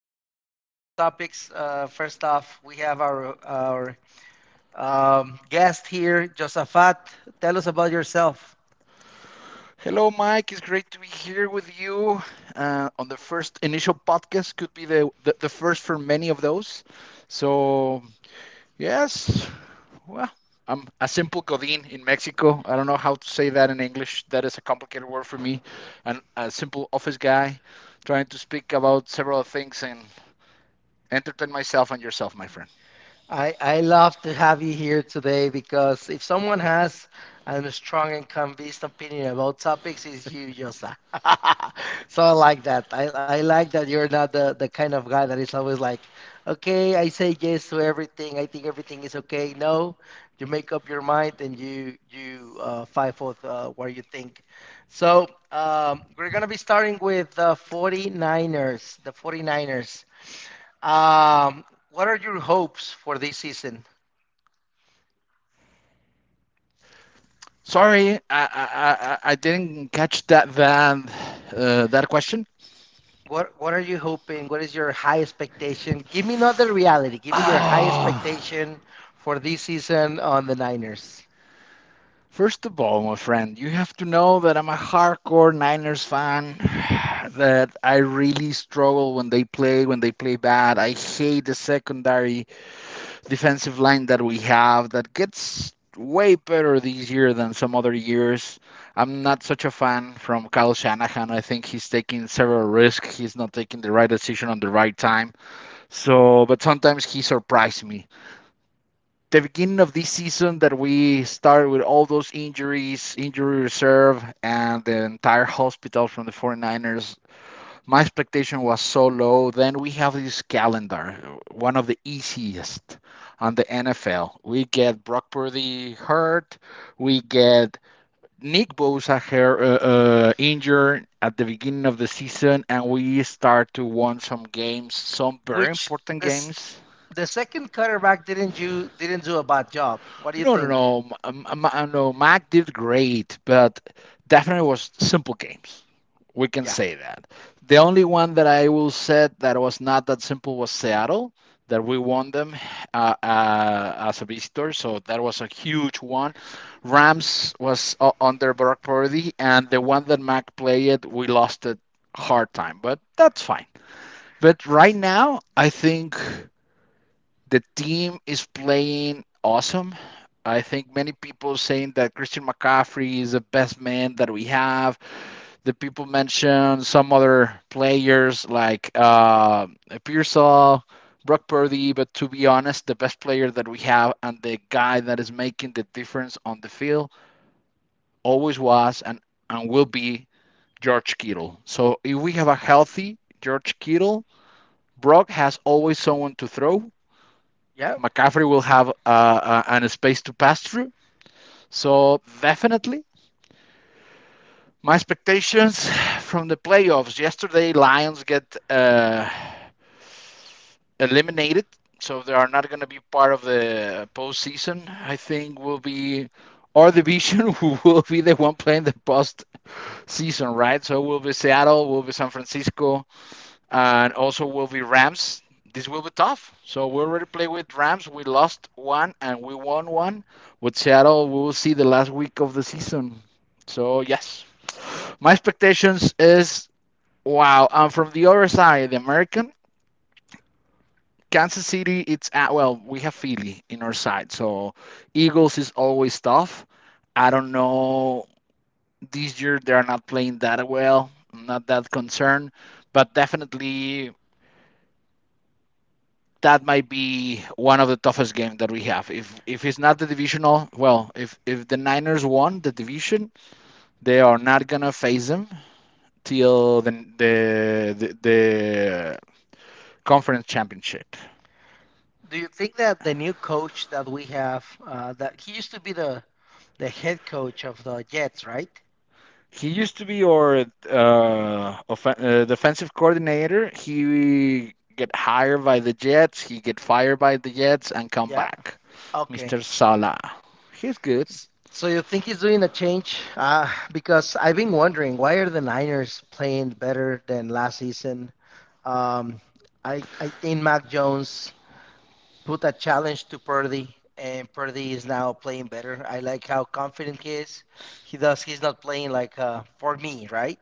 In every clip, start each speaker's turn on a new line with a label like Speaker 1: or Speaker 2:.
Speaker 1: going to be covering different topics. First off, we have our guest here, Josafat. Tell us about yourself.
Speaker 2: Hello, Mike. It's great to be here with you on the first initial podcast. Could be the first for many of those. So yes, well, I'm a simple godin in Mexico. I don't know how to say that in English. That is a complicated word for me. And a simple office guy trying to speak about several things and entertain myself and yourself, my friend.
Speaker 1: I love to have you here today because if someone has a strong and convinced opinion about topics, it's you, Yosa. So I like that. I like that you're not the kind of guy that is always like, okay, I say yes to everything. I think everything is okay. No, you make up your mind and you fight for what you think. So we're gonna be starting with the 49ers, the 49ers. Um, what are your hopes for this season?
Speaker 2: Sorry, I didn't catch that question.
Speaker 1: What are you hoping? What is your high expectation? Give me not the reality. Give me your high
Speaker 2: Oh,
Speaker 1: expectation for this season on the Niners.
Speaker 2: first of all, my friend, you have to know that I'm a hardcore Niners fan. That I really struggle when they play bad. I hate the secondary defensive line that we have that gets way better this year than some other years. I'm not such a fan from Kyle Shanahan. I think he's taking several risks. He's not taking the right decision on the right time. So, but sometimes he surprised me the beginning of this season that we started with all those injuries, injury reserve, and the entire hospital from the 49ers, my expectation was so low. Then we have this calendar, one of the easiest on the NFL. We get Brock Purdy hurt, we get Nick Bosa her, injured at the beginning of the season, and we start to win some games, some very
Speaker 1: Which
Speaker 2: important
Speaker 1: this
Speaker 2: games.
Speaker 1: The second quarterback didn't you didn't do a bad job. What do you
Speaker 2: No, no,
Speaker 1: think?
Speaker 2: no. No, Mac did great, but definitely was simple games. We can
Speaker 1: Yeah.
Speaker 2: say that. The only one that I will say that was not that simple was Seattle, that we won them as a visitor. So that was a huge one. Rams was under Brock Purdy, and the one that Mac played, we lost it hard time, but that's fine. But right now, I think the team is playing awesome. I think many people saying that Christian McCaffrey is the best man that we have. The people mentioned some other players like Pearsall, Brock Purdy, but to be honest, the best player that we have and the guy that is making the difference on the field always was and will be George Kittle. So if we have a healthy George Kittle, Brock has always someone to throw.
Speaker 1: Yeah.
Speaker 2: McCaffrey will have an space to pass through. So definitely, my expectations from the playoffs yesterday, Lions get eliminated, so they are not going to be part of the postseason. I think will be our division who will be the one playing the postseason, right? So it will be Seattle, will be San Francisco, and also will be Rams. This will be tough. So we already played with Rams. We lost one and we won one. With Seattle, we will see the last week of the season. So yes, my expectations is wow. And from the other side, the American Kansas City, it's at well, we have Philly in our side. So Eagles is always tough. I don't know this year they are not playing that well. I'm not that concerned, but definitely that might be one of the toughest games that we have. If it's not the divisional, well, if the Niners won the division, they are not gonna face them till the conference championship.
Speaker 1: Do you think that the new coach that we have, that he used to be the head coach of the Jets, right?
Speaker 2: He used to be our defensive coordinator. He get hired by the Jets. He get fired by the Jets and come
Speaker 1: Yeah.
Speaker 2: back.
Speaker 1: Okay.
Speaker 2: Mr. Sala, he's good.
Speaker 1: So you think he's doing a change? Because I've been wondering why are the Niners playing better than last season? Um, I think Mac Jones put a challenge to Purdy, and Purdy is now playing better. I like how confident he is. He does. He's not playing like for me, right?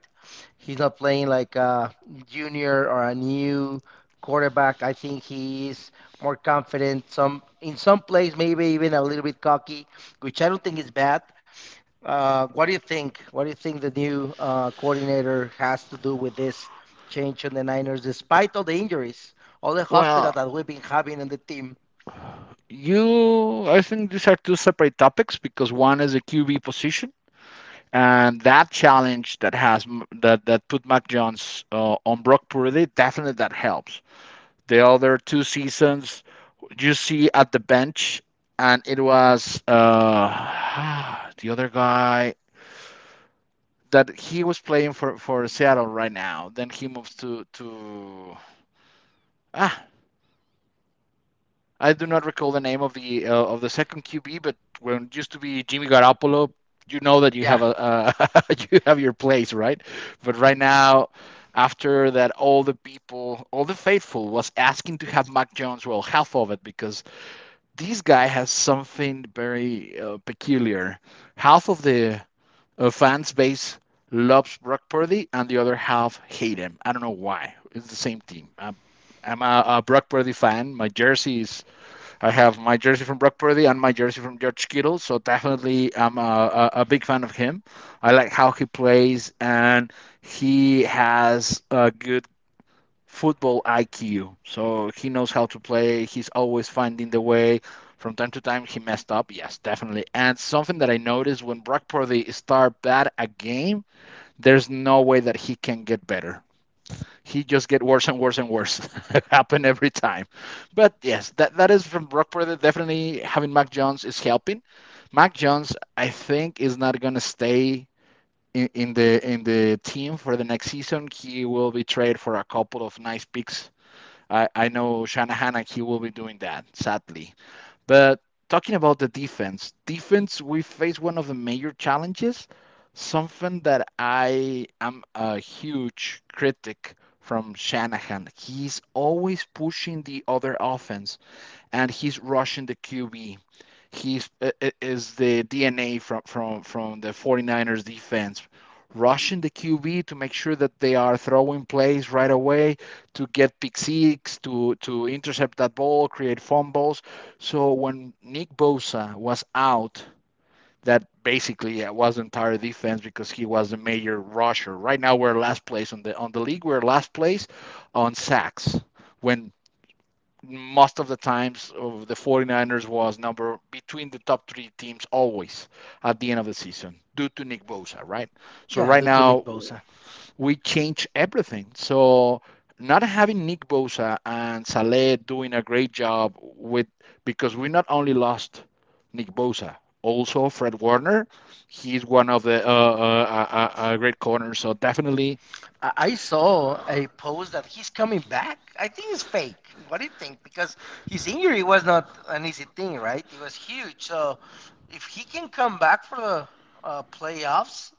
Speaker 1: He's not playing like a junior or a new quarterback. I think he is more confident. Some in some plays, maybe even a little bit cocky, which I don't think is bad. What do you think? What do you think the new coordinator has to do with this change on the Niners, despite all the injuries, all the hospital
Speaker 2: Well,
Speaker 1: that we've been having in the team?
Speaker 2: you, I think these are two separate topics because one is a QB position and that challenge that has that that put Mac Jones on Brock Purdy definitely that helps. The other two seasons you see at the bench, and it was the other guy that he was playing for Seattle right now. Then he moves to ah, I do not recall the name of the second QB, but when it used to be Jimmy Garoppolo, you know that you
Speaker 1: Yeah,
Speaker 2: have a you have your place, right? But right now, after that, all the people, all the faithful, was asking to have Mac Jones. Well, half of it because this guy has something very peculiar. Half of the fans base loves Brock Purdy, and the other half hate him. I don't know why. It's the same team. I'm a Brock Purdy fan. My jersey is I have my jersey from Brock Purdy and my jersey from George Kittle, so definitely I'm big fan of him. I like how he plays, and he has a good football IQ. So he knows how to play. He's always finding the way. From time to time, he messed up. Yes, definitely. And something that I noticed when Brock Purdy start bad a game, there's no way that he can get better, he just get worse and worse and worse. Happen every time. But yes, that is from Brock Purdy. Definitely having Mac Jones is helping. Mac Jones, I think, is not gonna stay in the team for the next season. He will be traded for a couple of nice picks. I know Shanahan and he will be doing that, sadly. But talking about the defense, we face one of the major challenges. Something that I am a huge critic from Shanahan. He's always pushing the other offense, and he's rushing the QB. He's i- is the DNA from the 49ers defense. Rushing the QB to make sure that they are throwing plays right away to get pick six, to intercept that ball, create fumbles. So when Nick Bosa was out, that basically yeah, was the entire defense because he was the major rusher. Right now we're last place on the league. We're last place on sacks when most of the times of the 49ers was number between the top three teams always at the end of the season due to Nick Bosa, right? So
Speaker 1: yeah,
Speaker 2: right
Speaker 1: due to Nick
Speaker 2: now
Speaker 1: Bosa.
Speaker 2: we changed everything. So not having Nick Bosa and Saleh doing a great job with because we not only lost Nick Bosa, also Fred Warner, he's one of the great corners. So definitely
Speaker 1: I saw a post that he's coming back. I think it's fake. What do you think? Because his injury was not an easy thing, right? It was huge. So if he can come back for the playoffs,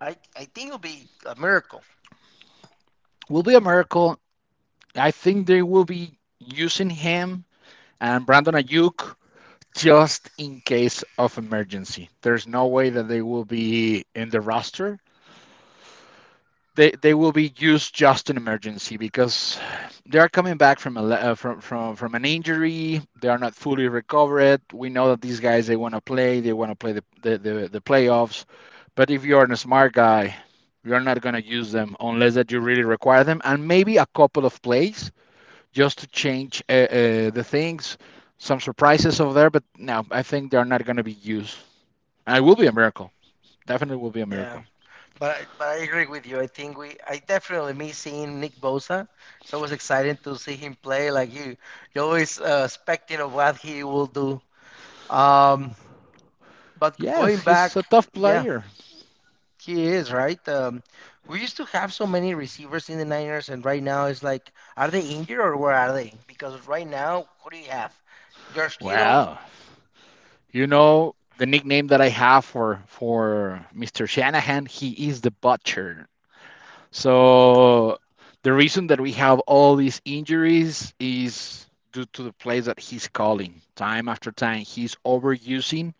Speaker 1: I think it'll be a miracle.
Speaker 2: will be a miracle. I think they will be using him and Brandon Ayuk just in case of emergency. There's no way that they will be in the roster, they will be used just in emergency because they are coming back from a from an injury. They are not fully recovered. We know that these guys they want to play. They want to play the the playoffs. But if you are a smart guy, you're not going to use them unless that you really require them, and maybe a couple of plays just to change the things. Some surprises over there, but no, I think they're not going to be used. And it will be a miracle. Definitely will be a
Speaker 1: Yeah.
Speaker 2: miracle.
Speaker 1: But I agree with you. I think we I definitely miss seeing Nick Bosa. It's always exciting to see him play. Like you, you're always expecting of what he will do. Um, but going
Speaker 2: Yes, he's a
Speaker 1: back,
Speaker 2: tough
Speaker 1: yeah,
Speaker 2: player.
Speaker 1: he is right. We used to have so many receivers in the Niners, and right now it's like, are they injured or where are they? Because right now, who do you have? George Kittle.
Speaker 2: Wow. You know the nickname that I have for Mr. Shanahan, he is the butcher. So the reason that we have all these injuries is due to the plays that he's calling time after time. He's overusing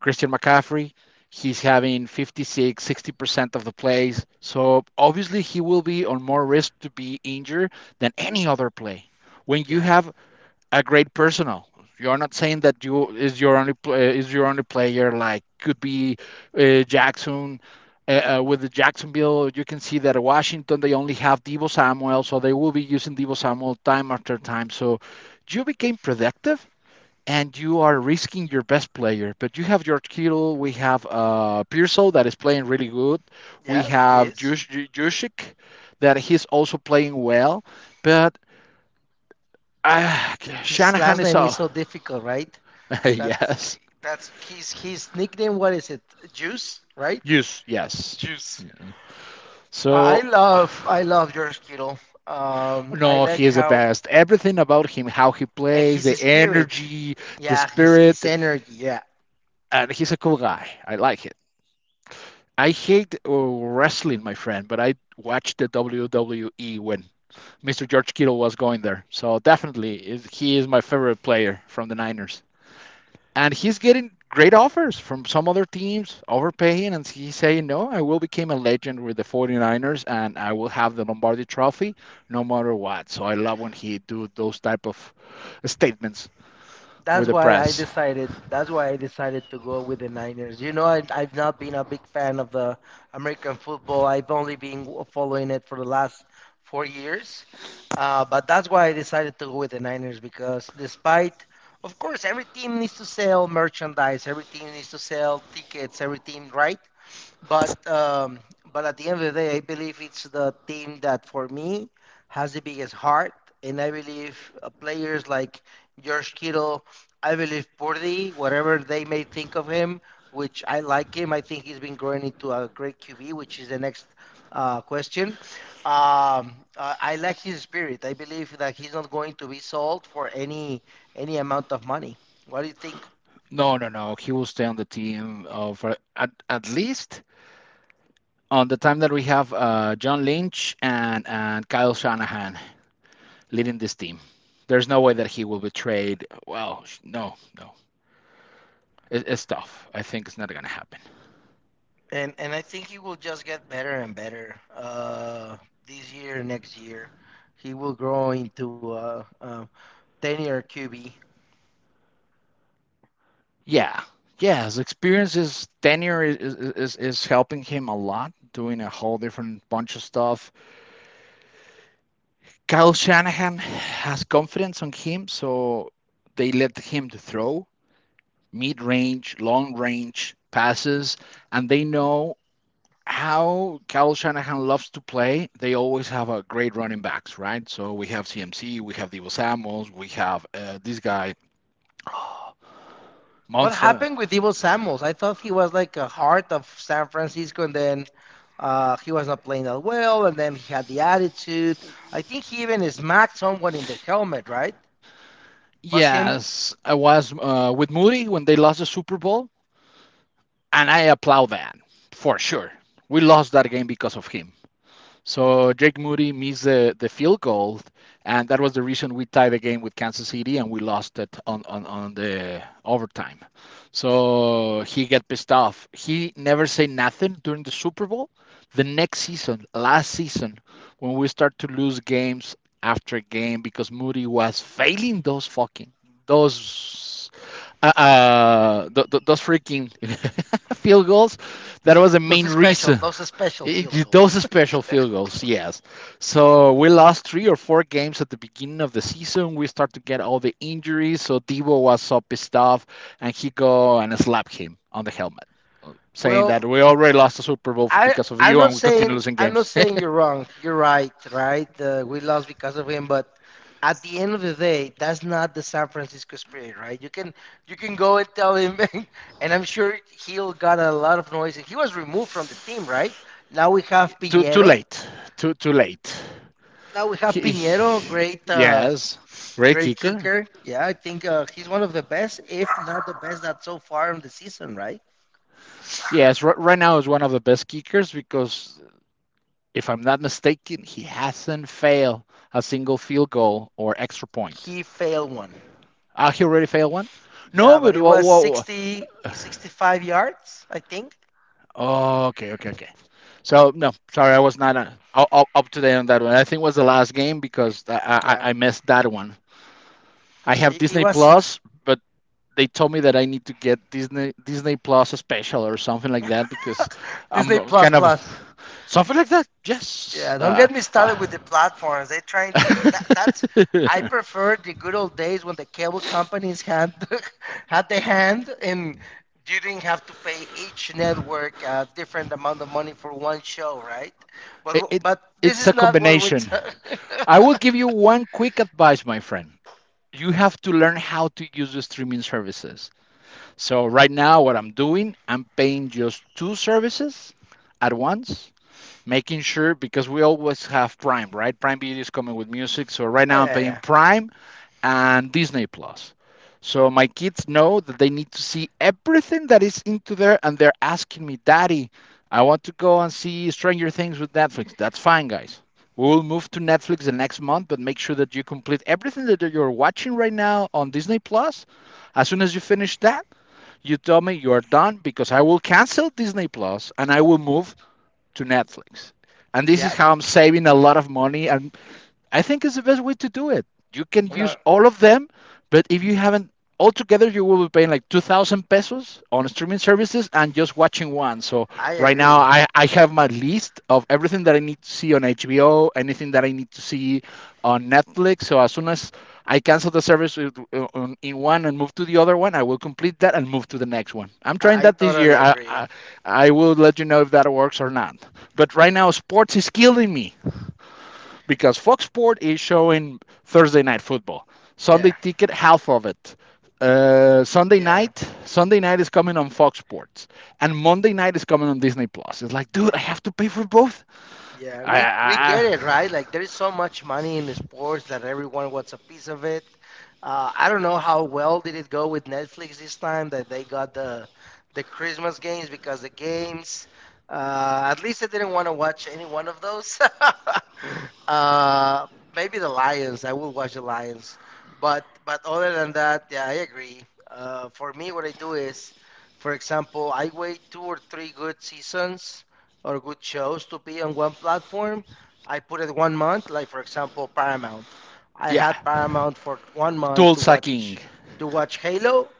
Speaker 2: Christian McCaffrey. He's having 56, 60% of the plays. So obviously he will be on more risk to be injured than any other play. When you
Speaker 1: Yeah,
Speaker 2: have a great personal. You're not saying that you is your only player. Like could be Jackson with the Jacksonville. You can see that at Washington they only have Debo Samuel, so they will be using Debo Samuel time after time. So you became productive and you are risking your best player. But you have George Kittle, we have Pearsall that is playing really good, we
Speaker 1: yeah, he
Speaker 2: have
Speaker 1: is.
Speaker 2: Juszczyk that he's also playing well, but uh,
Speaker 1: His last
Speaker 2: Shanahan is
Speaker 1: name is so difficult, right? That's
Speaker 2: yes.
Speaker 1: that's his nickname. What is it? Juice, right?
Speaker 2: Use yes.
Speaker 1: Juice.
Speaker 2: Yeah.
Speaker 1: I I
Speaker 2: So
Speaker 1: love I love George Kittle. I
Speaker 2: no,
Speaker 1: like
Speaker 2: he is the
Speaker 1: how,
Speaker 2: best. Everything about him, how he
Speaker 1: and
Speaker 2: plays,
Speaker 1: his
Speaker 2: the
Speaker 1: spirit.
Speaker 2: energy, the
Speaker 1: Yeah, his
Speaker 2: spirit,
Speaker 1: energy. Yeah.
Speaker 2: and he's a cool guy. I like it. I hate wrestling, my friend, but I watched the WWE when Mr. George Kittle was going there. So definitely, he is my favorite player from the Niners. And he's getting great offers from some other teams overpaying and he's saying no, I will become a legend with the 49ers and I will have the Lombardi trophy no matter what. So I love when he do those type of statements with
Speaker 1: That's
Speaker 2: the
Speaker 1: why
Speaker 2: press.
Speaker 1: I decided. That's why I decided to go with the Niners. You know, I've not been a big fan of the American football. I've only been following it for the last 4 years. But that's why I decided to go with the Niners because, despite, of course, every team needs to sell merchandise, every team needs to sell tickets, every team, right? But um, but at the end of the day, I believe it's the team that for me has the biggest heart, and I believe players like George Kittle, I believe Purdy, whatever they may think of him, which I like him. I think he's been growing into a great QB, which is the next question. I like his spirit. I believe that he's not going to be sold for any amount of money. What do you think?
Speaker 2: No, no, no, he will stay on the team of at least on the time that we have John Lynch and Kyle Shanahan leading this team. There's no way that he will be traded. Well, no, no, it, it's tough. I think it's not going to happen.
Speaker 1: And I think he will just get better and better, this year, next year. He will grow into a 10-year QB.
Speaker 2: Yeah. Yeah, his experience, his tenure is helping him a lot, doing a whole different bunch of stuff. Kyle Shanahan has confidence on him, so they let him to throw mid-range, long-range passes, and they know how Kyle Shanahan loves to play. They always have a great running backs, right? So we have CMC, we have Debo Samuels, we have this guy
Speaker 1: What
Speaker 2: monster.
Speaker 1: happened with Debo Samuels? I thought he was like a heart of San Francisco, and then he was not playing that well, and then he had the attitude. I think he even smacked someone in the helmet, right? Was him?
Speaker 2: Yes, I was with Moody when they lost the Super Bowl, and I applaud that for sure. We lost that game because of him. So Jake Moody missed the field goal, and that was the reason we tied the game with Kansas City and we lost it on, on the overtime. So he got pissed off. He never said nothing during the Super Bowl. The next season, last season, when we start to lose games after game because Moody was failing those fucking those those freaking field goals. That was the main reason
Speaker 1: Those special field
Speaker 2: it, those
Speaker 1: goals.
Speaker 2: special field goals, yes. So we lost three or four games at the beginning of the season. We start to get all the injuries. So Debo was so pissed off, and he go and slapped him on the helmet, saying
Speaker 1: Well,
Speaker 2: that we already lost the Super Bowl
Speaker 1: I
Speaker 2: because of
Speaker 1: I'm
Speaker 2: you,
Speaker 1: not
Speaker 2: and we continue
Speaker 1: saying
Speaker 2: losing
Speaker 1: I'm not
Speaker 2: games.
Speaker 1: saying you're wrong. You're right, right? We lost because of him, but at the end of the day, that's not the San Francisco spirit, right? You can go and tell him, and I'm sure he'll got a lot of noise. He was removed from the team, right? Now we have
Speaker 2: Too
Speaker 1: Piñero.
Speaker 2: late. Too late.
Speaker 1: Now we have
Speaker 2: He,
Speaker 1: Piñero,
Speaker 2: he-
Speaker 1: great uh,
Speaker 2: yes, great
Speaker 1: great
Speaker 2: kicker.
Speaker 1: kicker. Yeah, I think he's one of the best, if not the best, that so far in the season, right?
Speaker 2: Yes, right now is one of the best kickers because if I'm not mistaken, he hasn't failed a single field goal or extra point.
Speaker 1: He failed one.
Speaker 2: Ah. He already failed one? No,
Speaker 1: Yeah, but
Speaker 2: but
Speaker 1: it
Speaker 2: whoa,
Speaker 1: was
Speaker 2: whoa,
Speaker 1: 60, 65 yards, I think.
Speaker 2: whoa. Okay, okay, okay. So no, sorry, I was not up, up to date on that one. I think it was the last game because
Speaker 1: Yeah,
Speaker 2: I missed that one. I have
Speaker 1: it
Speaker 2: Disney
Speaker 1: was
Speaker 2: Plus, but they told me that I need to get Disney Plus special or something like that because
Speaker 1: Disney
Speaker 2: I'm
Speaker 1: Plus
Speaker 2: kind of
Speaker 1: Plus.
Speaker 2: something like that. Yes.
Speaker 1: Yeah, don't get me started
Speaker 2: Uh.
Speaker 1: with the platforms. They're trying to, that's I prefer the good old days when the cable companies had, had the hand, and you didn't have to pay each network a different amount of money for one show, right?
Speaker 2: It,
Speaker 1: But
Speaker 2: it's
Speaker 1: but this is
Speaker 2: it's a
Speaker 1: not what we're
Speaker 2: combination.
Speaker 1: talking.
Speaker 2: I
Speaker 1: Oh,
Speaker 2: will give you one quick advice, my friend. You have to learn how to use the streaming services. So right now, what I'm doing, I'm paying just two services at once, making sure because we always have Prime, right? Prime Video is coming with music. So right now, I'm
Speaker 1: yeah, yeah,
Speaker 2: paying Prime and Disney Plus. So my kids know that they need to see everything that is into there, and they're asking me, Daddy, I want to go and see Stranger Things with Netflix. That's fine, guys. We will move to Netflix the next month, but make sure that you complete everything that you're watching right now on Disney Plus. As soon as you finish that, you tell me you are done because I will cancel Disney Plus and I will move to Netflix. And this is
Speaker 1: yeah.
Speaker 2: how I'm saving a lot of money, and I think it's the best way to do it. You can use
Speaker 1: No,
Speaker 2: all of them, but if you haven't altogether, you will be paying like 2,000 pesos on streaming services and just watching one. So
Speaker 1: I
Speaker 2: right now,
Speaker 1: agree.
Speaker 2: I have my list of everything that I need to see on HBO, anything that I need to see on Netflix. So as soon as I cancel the service in one and move to the other one, I will complete that and move to the next one. I'm trying
Speaker 1: I
Speaker 2: that this year.
Speaker 1: totally agree.
Speaker 2: I will let you know if that works or not. But right now, sports is killing me because Fox Sports is showing Thursday night football. Sunday
Speaker 1: Yeah.
Speaker 2: ticket, half of it. Uh, Sunday
Speaker 1: Yeah,
Speaker 2: night, Sunday night is coming on Fox Sports, and Monday night is coming on Disney Plus. It's like, dude, I have to pay for both.
Speaker 1: yeah,
Speaker 2: I,
Speaker 1: we
Speaker 2: I, I-
Speaker 1: get it, right? Like there is so much money in sports that everyone wants a piece of it. I don't know how well did it go with Netflix this time that they got the Christmas games, because the games, at least I didn't want to watch any one of those. Uh, maybe the Lions. I will watch the Lions, but other than that, yeah, I agree. For me, what I do is, for example, I wait two or three good seasons or good shows to be on one platform. I put it one month, like for example, Paramount. I
Speaker 2: yeah,
Speaker 1: had Paramount for one month
Speaker 2: tool
Speaker 1: to
Speaker 2: sucking.
Speaker 1: watch Halo,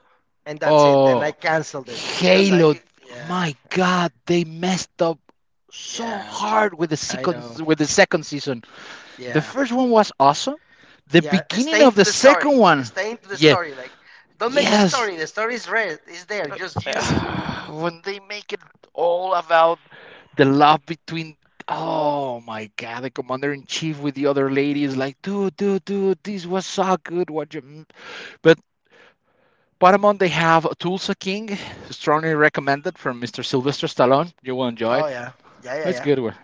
Speaker 1: and that's it. Then I
Speaker 2: Oh,
Speaker 1: canceled it because
Speaker 2: Halo.
Speaker 1: I, yeah,
Speaker 2: My God, they messed up so
Speaker 1: yeah,
Speaker 2: hard with the
Speaker 1: I
Speaker 2: second
Speaker 1: know,
Speaker 2: with the second season. The
Speaker 1: yeah,
Speaker 2: first one was awesome. The
Speaker 1: yeah,
Speaker 2: beginning
Speaker 1: stay
Speaker 2: of
Speaker 1: into
Speaker 2: the
Speaker 1: the story,
Speaker 2: second one,
Speaker 1: stay into the
Speaker 2: yeah.
Speaker 1: story. Like, don't make the
Speaker 2: Yes,
Speaker 1: story. The story is red, is there. Just use it.
Speaker 2: when they make it all about the love between. Oh my God, the commander in chief with the other lady is like, dude, dude, dude, this was so good. What you... But Paramount, they have Tulsa King, strongly recommended from Mr. Sylvester Stallone. You will enjoy
Speaker 1: Oh,
Speaker 2: it.
Speaker 1: yeah, yeah, yeah,
Speaker 2: It's a
Speaker 1: yeah.
Speaker 2: good one.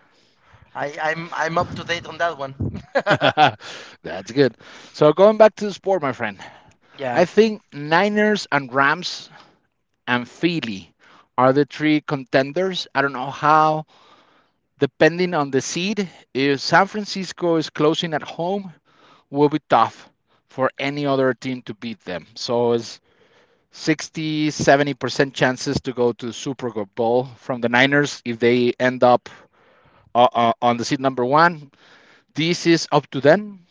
Speaker 1: I'm up to date on that one.
Speaker 2: That's good. So going back to the sport, my friend,
Speaker 1: Yeah,
Speaker 2: I think Niners and Rams and Philly are the three contenders. I don't know how. Depending on the seed, if San Francisco is closing at home, will be tough for any other team to beat them. So it's 60, 70% chances to go to the Super Bowl from the Niners if they end up on the seed number one. This is up to them.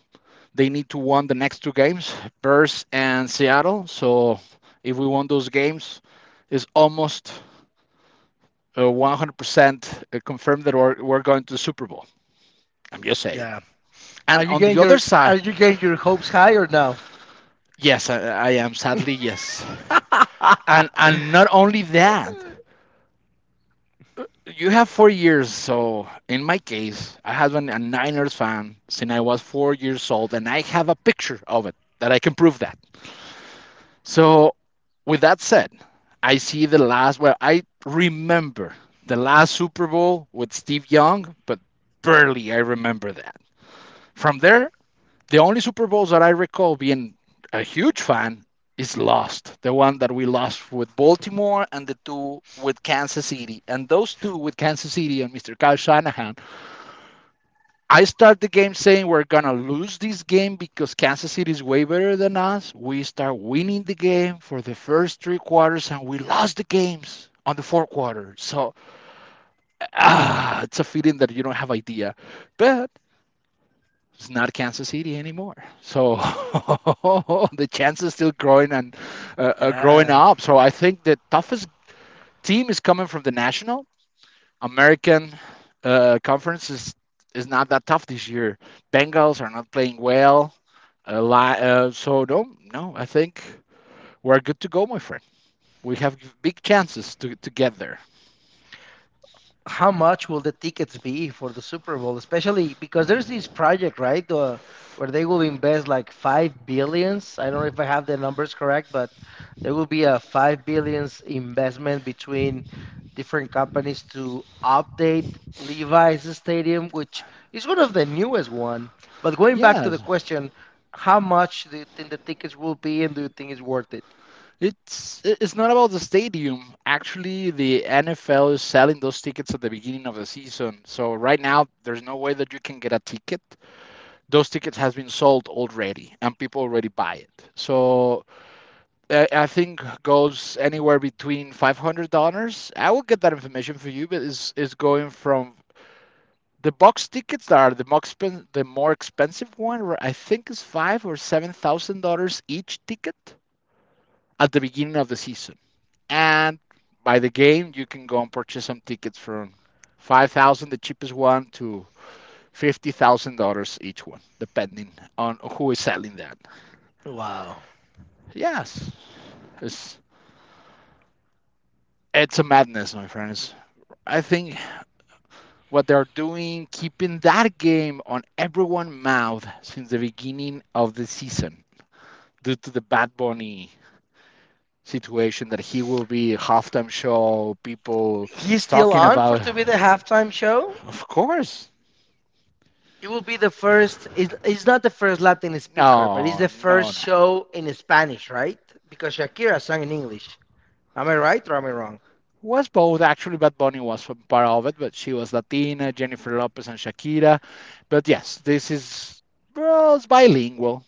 Speaker 2: They need to win the next two games, Bears and Seattle. So if we won those games, it's almost 100% confirmed that we're going to the Super Bowl. I'm just saying.
Speaker 1: yeah.
Speaker 2: And on the other
Speaker 1: Are
Speaker 2: side,
Speaker 1: you getting your hopes high or no?
Speaker 2: yes, I am sadly yes. And not only that, you have 4 years. So in my case, I have been a Niners fan since I was 4 years old, and I have a picture of it that I can prove that. So with that said, I see the last. Well, I remember the last Super Bowl with Steve Young, but barely I remember that. From there, the only Super Bowls that I recall being a huge fan is lost. The one that we lost with Baltimore and the two with Kansas City. And those two with Kansas City and Mr. Kyle Shanahan. I start the game saying we're going to lose this game because Kansas City is way better than us. We start winning the game for the first three quarters and we lost the games on the fourth quarter. So ah, it's a feeling that you don't have idea. But it's not Kansas City anymore. So the chances still growing and growing
Speaker 1: Yeah.
Speaker 2: up. So I think the toughest team is coming from the national American conference is not that tough this year. Bengals are not playing well. A so no, no. I think we're good to go, my friend. We have big chances to get there.
Speaker 1: How much will the tickets be for the Super Bowl? Especially because there's this project, right, where they will invest like 5 billion. I don't know if I have the numbers correct, but there will be a 5 billion investment between different companies to update Levi's Stadium, which is one of the newest one. But going back to the
Speaker 2: Yes,
Speaker 1: question, how much do you think the tickets will be, and do you think it's worth it?
Speaker 2: it's not about the stadium. Actually, the NFL is selling those tickets at the beginning of the season. So right now, there's no way that you can get a ticket. Those tickets has been sold already, and people already buy it. So I think goes anywhere between $500. I will get that information for you, but it's going from the box tickets that are the the more expensive one. I think is five or seven thousand dollars each ticket at the beginning of the season. And by the game, you can go and purchase some tickets from 5,000, dollars, the cheapest one, to $50,000 each one, depending on who is selling that.
Speaker 1: Wow.
Speaker 2: Yes, it's it's a madness, my friends. I think what they're doing, keeping that game on everyone's mouth since the beginning of the season, due to the Bad Bunny situation, that he will be a halftime show, people
Speaker 1: He's still
Speaker 2: talking
Speaker 1: on for
Speaker 2: about.
Speaker 1: to be the halftime show?
Speaker 2: Of course,
Speaker 1: It will be the first. It's not the first Latin speaker, but it's
Speaker 2: no,
Speaker 1: the
Speaker 2: no,
Speaker 1: first
Speaker 2: no.
Speaker 1: show in Spanish, right? Because Shakira sang in English. Am I right or am I wrong?
Speaker 2: Was both actually. Bad Bunny was from part of it, but she was Latina, Jennifer Lopez and Shakira. But yes, this is well, it's bilingual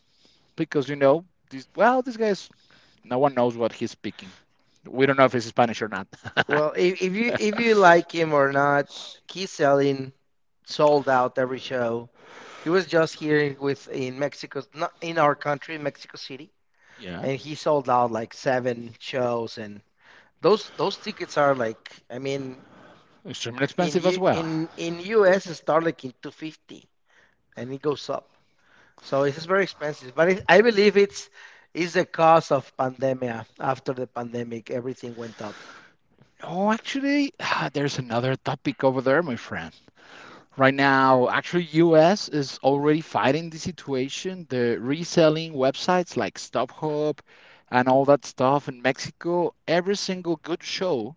Speaker 2: because you know this. Well, this guy's no one knows what he's speaking. We don't know if it's Spanish or not.
Speaker 1: Well, if you like him or not, he's selling sold out every show. He was just here with in Mexico, not in our country, in Mexico City,
Speaker 2: Yeah,
Speaker 1: and he sold out like seven shows. And those tickets are like, I mean,
Speaker 2: extremely
Speaker 1: in
Speaker 2: expensive as
Speaker 1: U
Speaker 2: well.
Speaker 1: in US it start like in 250, and it goes up. So it's very expensive, but I believe it's is the cause of pandemia. After the pandemic, everything went up.
Speaker 2: No, actually, ah, there's another topic over there, my friend. Right now actually US is already fighting the situation, the reselling websites like StubHub and all that stuff. In Mexico every single good show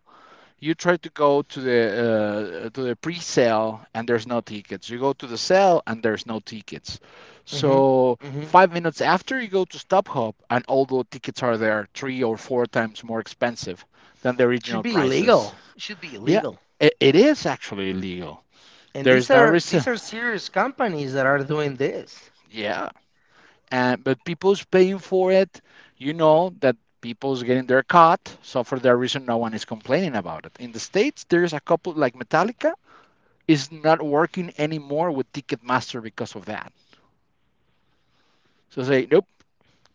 Speaker 2: you try to go to the pre-sale and there's no tickets, you go to the sale and there's no tickets.
Speaker 1: Hmm.
Speaker 2: So
Speaker 1: Hmm.
Speaker 2: 5 minutes after, you go to StubHub and all the tickets are there, three or four times more expensive than the original
Speaker 1: Should be
Speaker 2: prices.
Speaker 1: illegal. Should be
Speaker 2: Yeah,
Speaker 1: illegal.
Speaker 2: it is actually illegal.
Speaker 1: And
Speaker 2: There
Speaker 1: these
Speaker 2: is no
Speaker 1: are
Speaker 2: res-
Speaker 1: these are serious companies that are doing this
Speaker 2: Yeah. And but people's paying for it. You know that people's getting their cut. So for that reason, no one is complaining about it. In the states, there's a couple, like Metallica is not working anymore with Ticketmaster because of that. So say nope.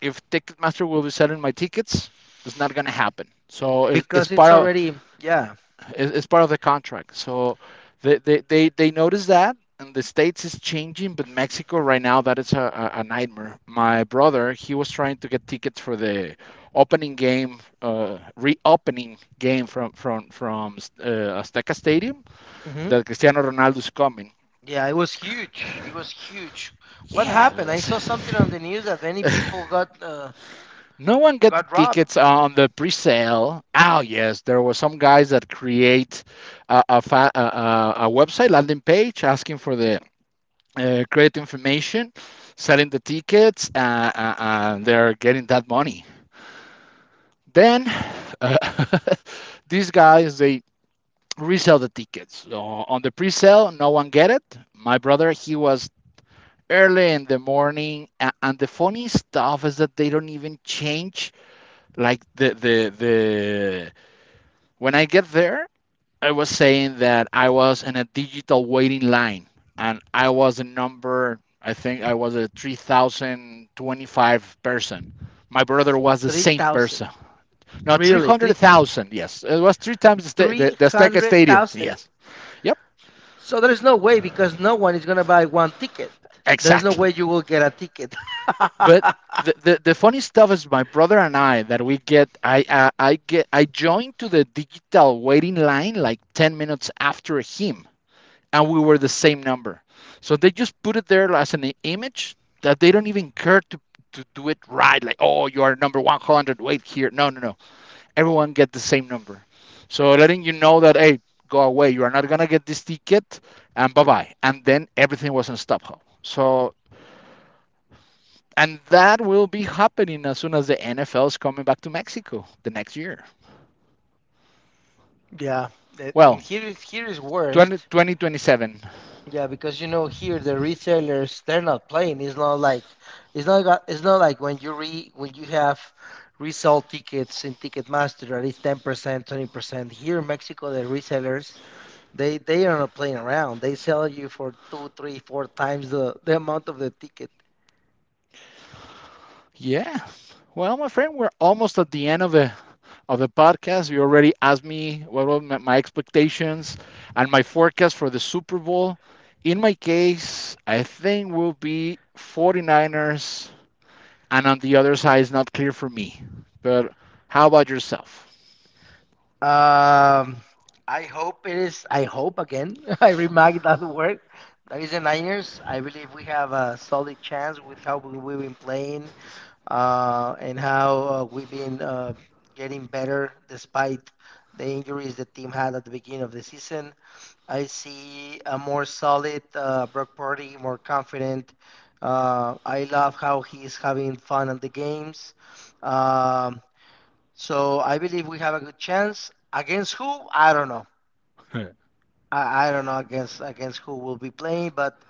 Speaker 2: If Ticketmaster will be selling my tickets, it's not gonna happen. So it's
Speaker 1: because it's
Speaker 2: part of
Speaker 1: already, yeah.
Speaker 2: it- It's part of the contract. So they notice that, and the states is changing, but Mexico right now that is a, nightmare. My brother he was trying to get tickets for the opening game, reopening game from Azteca Stadium,
Speaker 1: Hmm,
Speaker 2: that Cristiano Ronaldo is coming.
Speaker 1: yeah, it was huge. It was huge. What
Speaker 2: Yeah.
Speaker 1: happened? I saw something on the news that many people got uh,
Speaker 2: No one got the
Speaker 1: got
Speaker 2: tickets
Speaker 1: robbed.
Speaker 2: on the pre-sale. Oh yes, there were some guys that create a, fa- a website landing page asking for the great information, selling the tickets, they're getting that money. Then uh, these guys they resell the tickets. So on the pre-sale, no one get it. My brother, he was early in the morning, and the funny stuff is that they don't even change like the. When I get there, I was saying that I was in a digital waiting line and I was a number, I think I was a 3,025 person. My brother was the
Speaker 1: Three
Speaker 2: same
Speaker 1: thousand.
Speaker 2: person. No,
Speaker 1: Really? Three
Speaker 2: 300,000, yes. It was three times the, sta- the,
Speaker 1: three
Speaker 2: the Azteca
Speaker 1: hundred
Speaker 2: Stadium,
Speaker 1: thousand?
Speaker 2: yes. Yep,
Speaker 1: So there is no way because no one is going to buy one ticket. There is no
Speaker 2: exactly.
Speaker 1: way you will get a ticket.
Speaker 2: But the funny stuff is my brother and I that we get I get I joined to the digital waiting line like 10 minutes after him, and we were the same number. So they just put it there as an image, that they don't even care to do it right. Like, oh, you are number 100, wait here. No, no, no, everyone get the same number. So letting you know that, hey, go away, you are not going to get this ticket and bye bye. And then everything was on stop hub. So, and that will be happening as soon as the NFL is coming back to Mexico the next year.
Speaker 1: Yeah, and
Speaker 2: Well,
Speaker 1: here is worst.
Speaker 2: 2027.
Speaker 1: Yeah, because here the resellers they're not playing. It's not like when you have resell tickets in Ticketmaster at least 10%, 20%. Here in Mexico the resellers they are not playing around. They sell you for two, three, four times the amount of the ticket.
Speaker 2: Yeah, well, my friend, we're almost at the end of the podcast. You already asked me what were my expectations and my forecast for the Super Bowl. In my case, I think will be 49ers, and on the other side is not clear for me. But how about yourself?
Speaker 1: Um, I hope it is. I hope again. I remark that word. That is the Niners. I believe we have a solid chance with how we've been playing and how we've been getting better despite the injuries the team had at the beginning of the season. I see a more solid Brock Purdy, more confident. I love how he's having fun at the games. Um, so I believe we have a good chance. Against who? I don't know. I don't know against who will be playing, but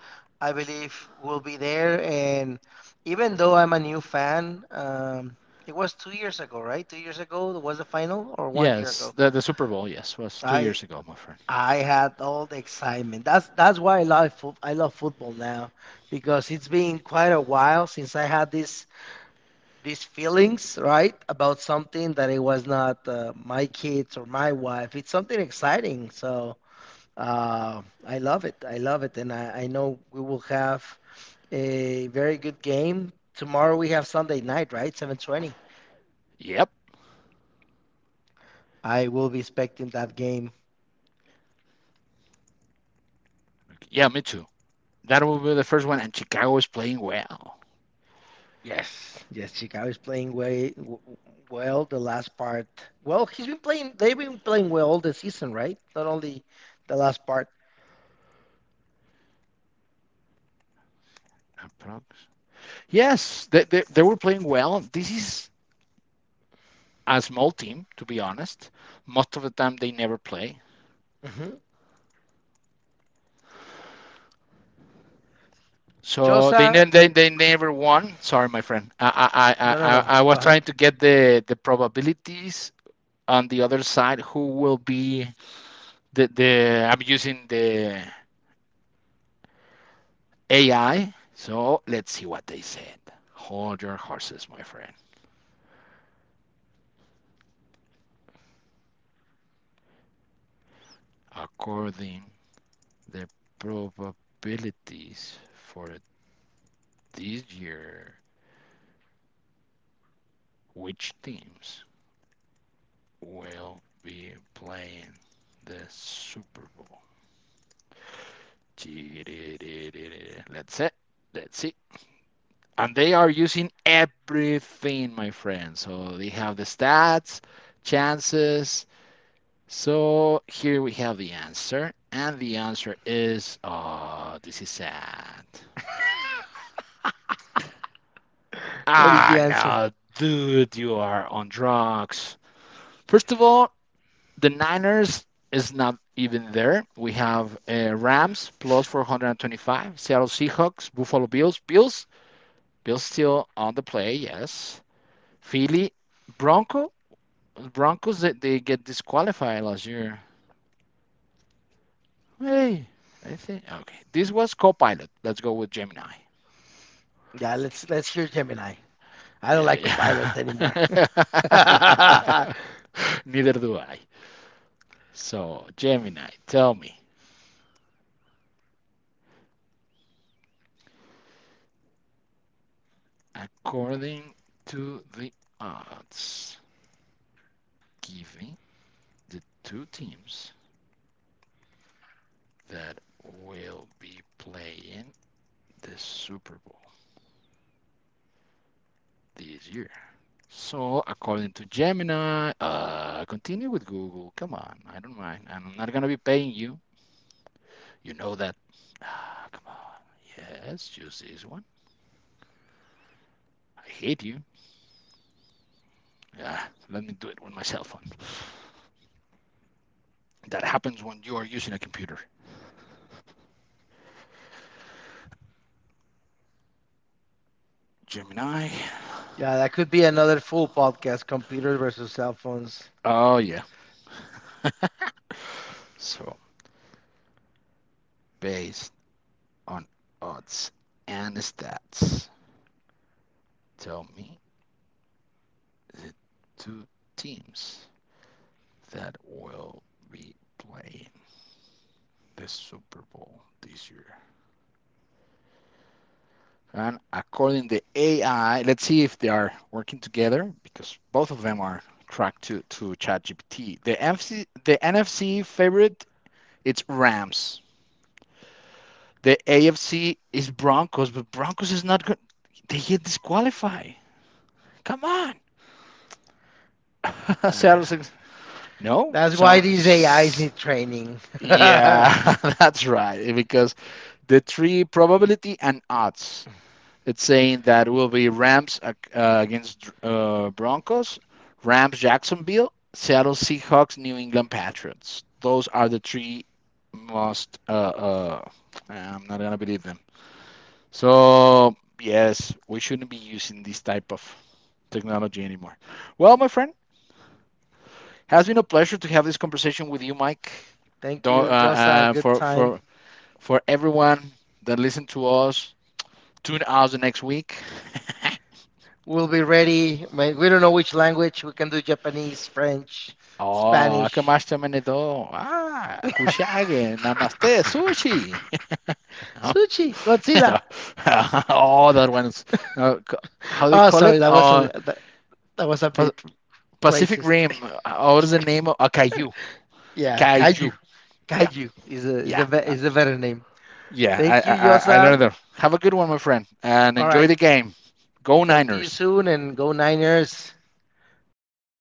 Speaker 1: I believe we'll be there. And even though I'm a new fan, it was 2 years ago, right? 2 years ago was the final, or one year
Speaker 2: Yes,
Speaker 1: ago.
Speaker 2: the Super Bowl, yes, was two
Speaker 1: I
Speaker 2: years ago, my friend.
Speaker 1: I had all the excitement. That's why I love I love football now because it's been quite a while since I had this these feelings, right, about something that it was not my kids or my wife. It's something exciting. So I love it. I love it. And I know we will have a very good game. Tomorrow we have Sunday night, right? 7:20.
Speaker 2: Yep.
Speaker 1: I will be expecting that game.
Speaker 2: Yeah, me too. That will be the first one, and Chicago is playing well.
Speaker 1: Yes, yes, Chicago is playing way well the last part. Well, he's been playing, they've been playing well all the season, right? Not only the last part.
Speaker 2: Approx. Yes, they were playing well. This is a small team, to be honest. Most of the time, they never play.
Speaker 1: Hmm.
Speaker 2: So they
Speaker 1: Josa,
Speaker 2: they, they never won. Sorry, my friend. I I, I,
Speaker 1: no, no,
Speaker 2: I
Speaker 1: no.
Speaker 2: I
Speaker 1: Go
Speaker 2: was
Speaker 1: ahead.
Speaker 2: trying to get the probabilities on the other side. Who will be the I'm using the AI. So let's see what they said. Hold your horses, my friend. According the probabilities for this year, which teams will be playing the Super Bowl. That's it. That's it. And they are using everything, my friend. So they have the stats, chances. So here we have the answer. And the answer is, oh, this is sad.
Speaker 1: What is
Speaker 2: Ah,
Speaker 1: the answer?
Speaker 2: no, dude, you are on drugs. First of all, the Niners is not even there. We have Rams plus 425, Seattle Seahawks, Buffalo Bills, Bills, Bills still on the play, yes. Philly, Bronco, Broncos, they get disqualified last year. Hey, I think okay. This was Copilot. Let's go with Gemini.
Speaker 1: Yeah, let's hear Gemini. I don't
Speaker 2: Yeah,
Speaker 1: like Copilot anymore.
Speaker 2: yeah. Neither do I. So Gemini, tell me, according to the odds, given the two teams that will be playing the Super Bowl this year. So, according to Gemini, continue with Google. Come on, I don't mind. I'm not gonna be paying you. You know that. Ah, come on. Yes, choose this one. I hate you. Yeah, let me do it with my cell phone. That happens when you are using a computer. Gemini.
Speaker 1: Yeah, that could be another full podcast, computers versus cell phones.
Speaker 2: Oh yeah. So, based on odds and stats, tell me the two teams that will be playing the Super Bowl this year. And according to the AI, let's see if they are working together, because both of them are tracked to ChatGPT. The NFC, the NFC favorite, it's Rams. The AFC is Broncos, but Broncos is not good. They get disqualified. Come on. Seattle's.
Speaker 1: Uh,
Speaker 2: No,
Speaker 1: that's why
Speaker 2: some.
Speaker 1: these AIs need training.
Speaker 2: Yeah, that's right. Because the three probability and odds. It's saying that it will be Rams against Broncos, Rams, Jacksonville, Seattle Seahawks, New England Patriots. Those are the three most. I'm not gonna believe them. So yes, we shouldn't be using this type of technology anymore. Well, my friend, has been a pleasure to have this conversation with you, Mike.
Speaker 1: Thank
Speaker 2: Don't,
Speaker 1: you, Yosa. Good
Speaker 2: for
Speaker 1: time.
Speaker 2: for everyone that listen to us, tune out the next week.
Speaker 1: We'll be ready. We don't know which language. We can do Japanese, French,
Speaker 2: Oh,
Speaker 1: Spanish.
Speaker 2: akamaste menedo. Ah, kushage, namaste, sushi.
Speaker 1: Sushi, Godzilla.
Speaker 2: So, all that ones. Uh, c- how they
Speaker 1: Oh,
Speaker 2: call
Speaker 1: sorry,
Speaker 2: it?
Speaker 1: that was a, That was a
Speaker 2: Pa-
Speaker 1: bit
Speaker 2: Pacific
Speaker 1: racist.
Speaker 2: Rim. What is the name of Kaiju?
Speaker 1: Yeah, Caillou.
Speaker 2: Kaiju. Yeah,
Speaker 1: Caillou is
Speaker 2: yeah.
Speaker 1: a better name.
Speaker 2: Yeah,
Speaker 1: Thank you,
Speaker 2: I
Speaker 1: Yosa.
Speaker 2: don't. Have a good one, my friend, and
Speaker 1: All
Speaker 2: enjoy
Speaker 1: right,
Speaker 2: the game. Go
Speaker 1: talk to you
Speaker 2: Niners.
Speaker 1: soon and go Niners. I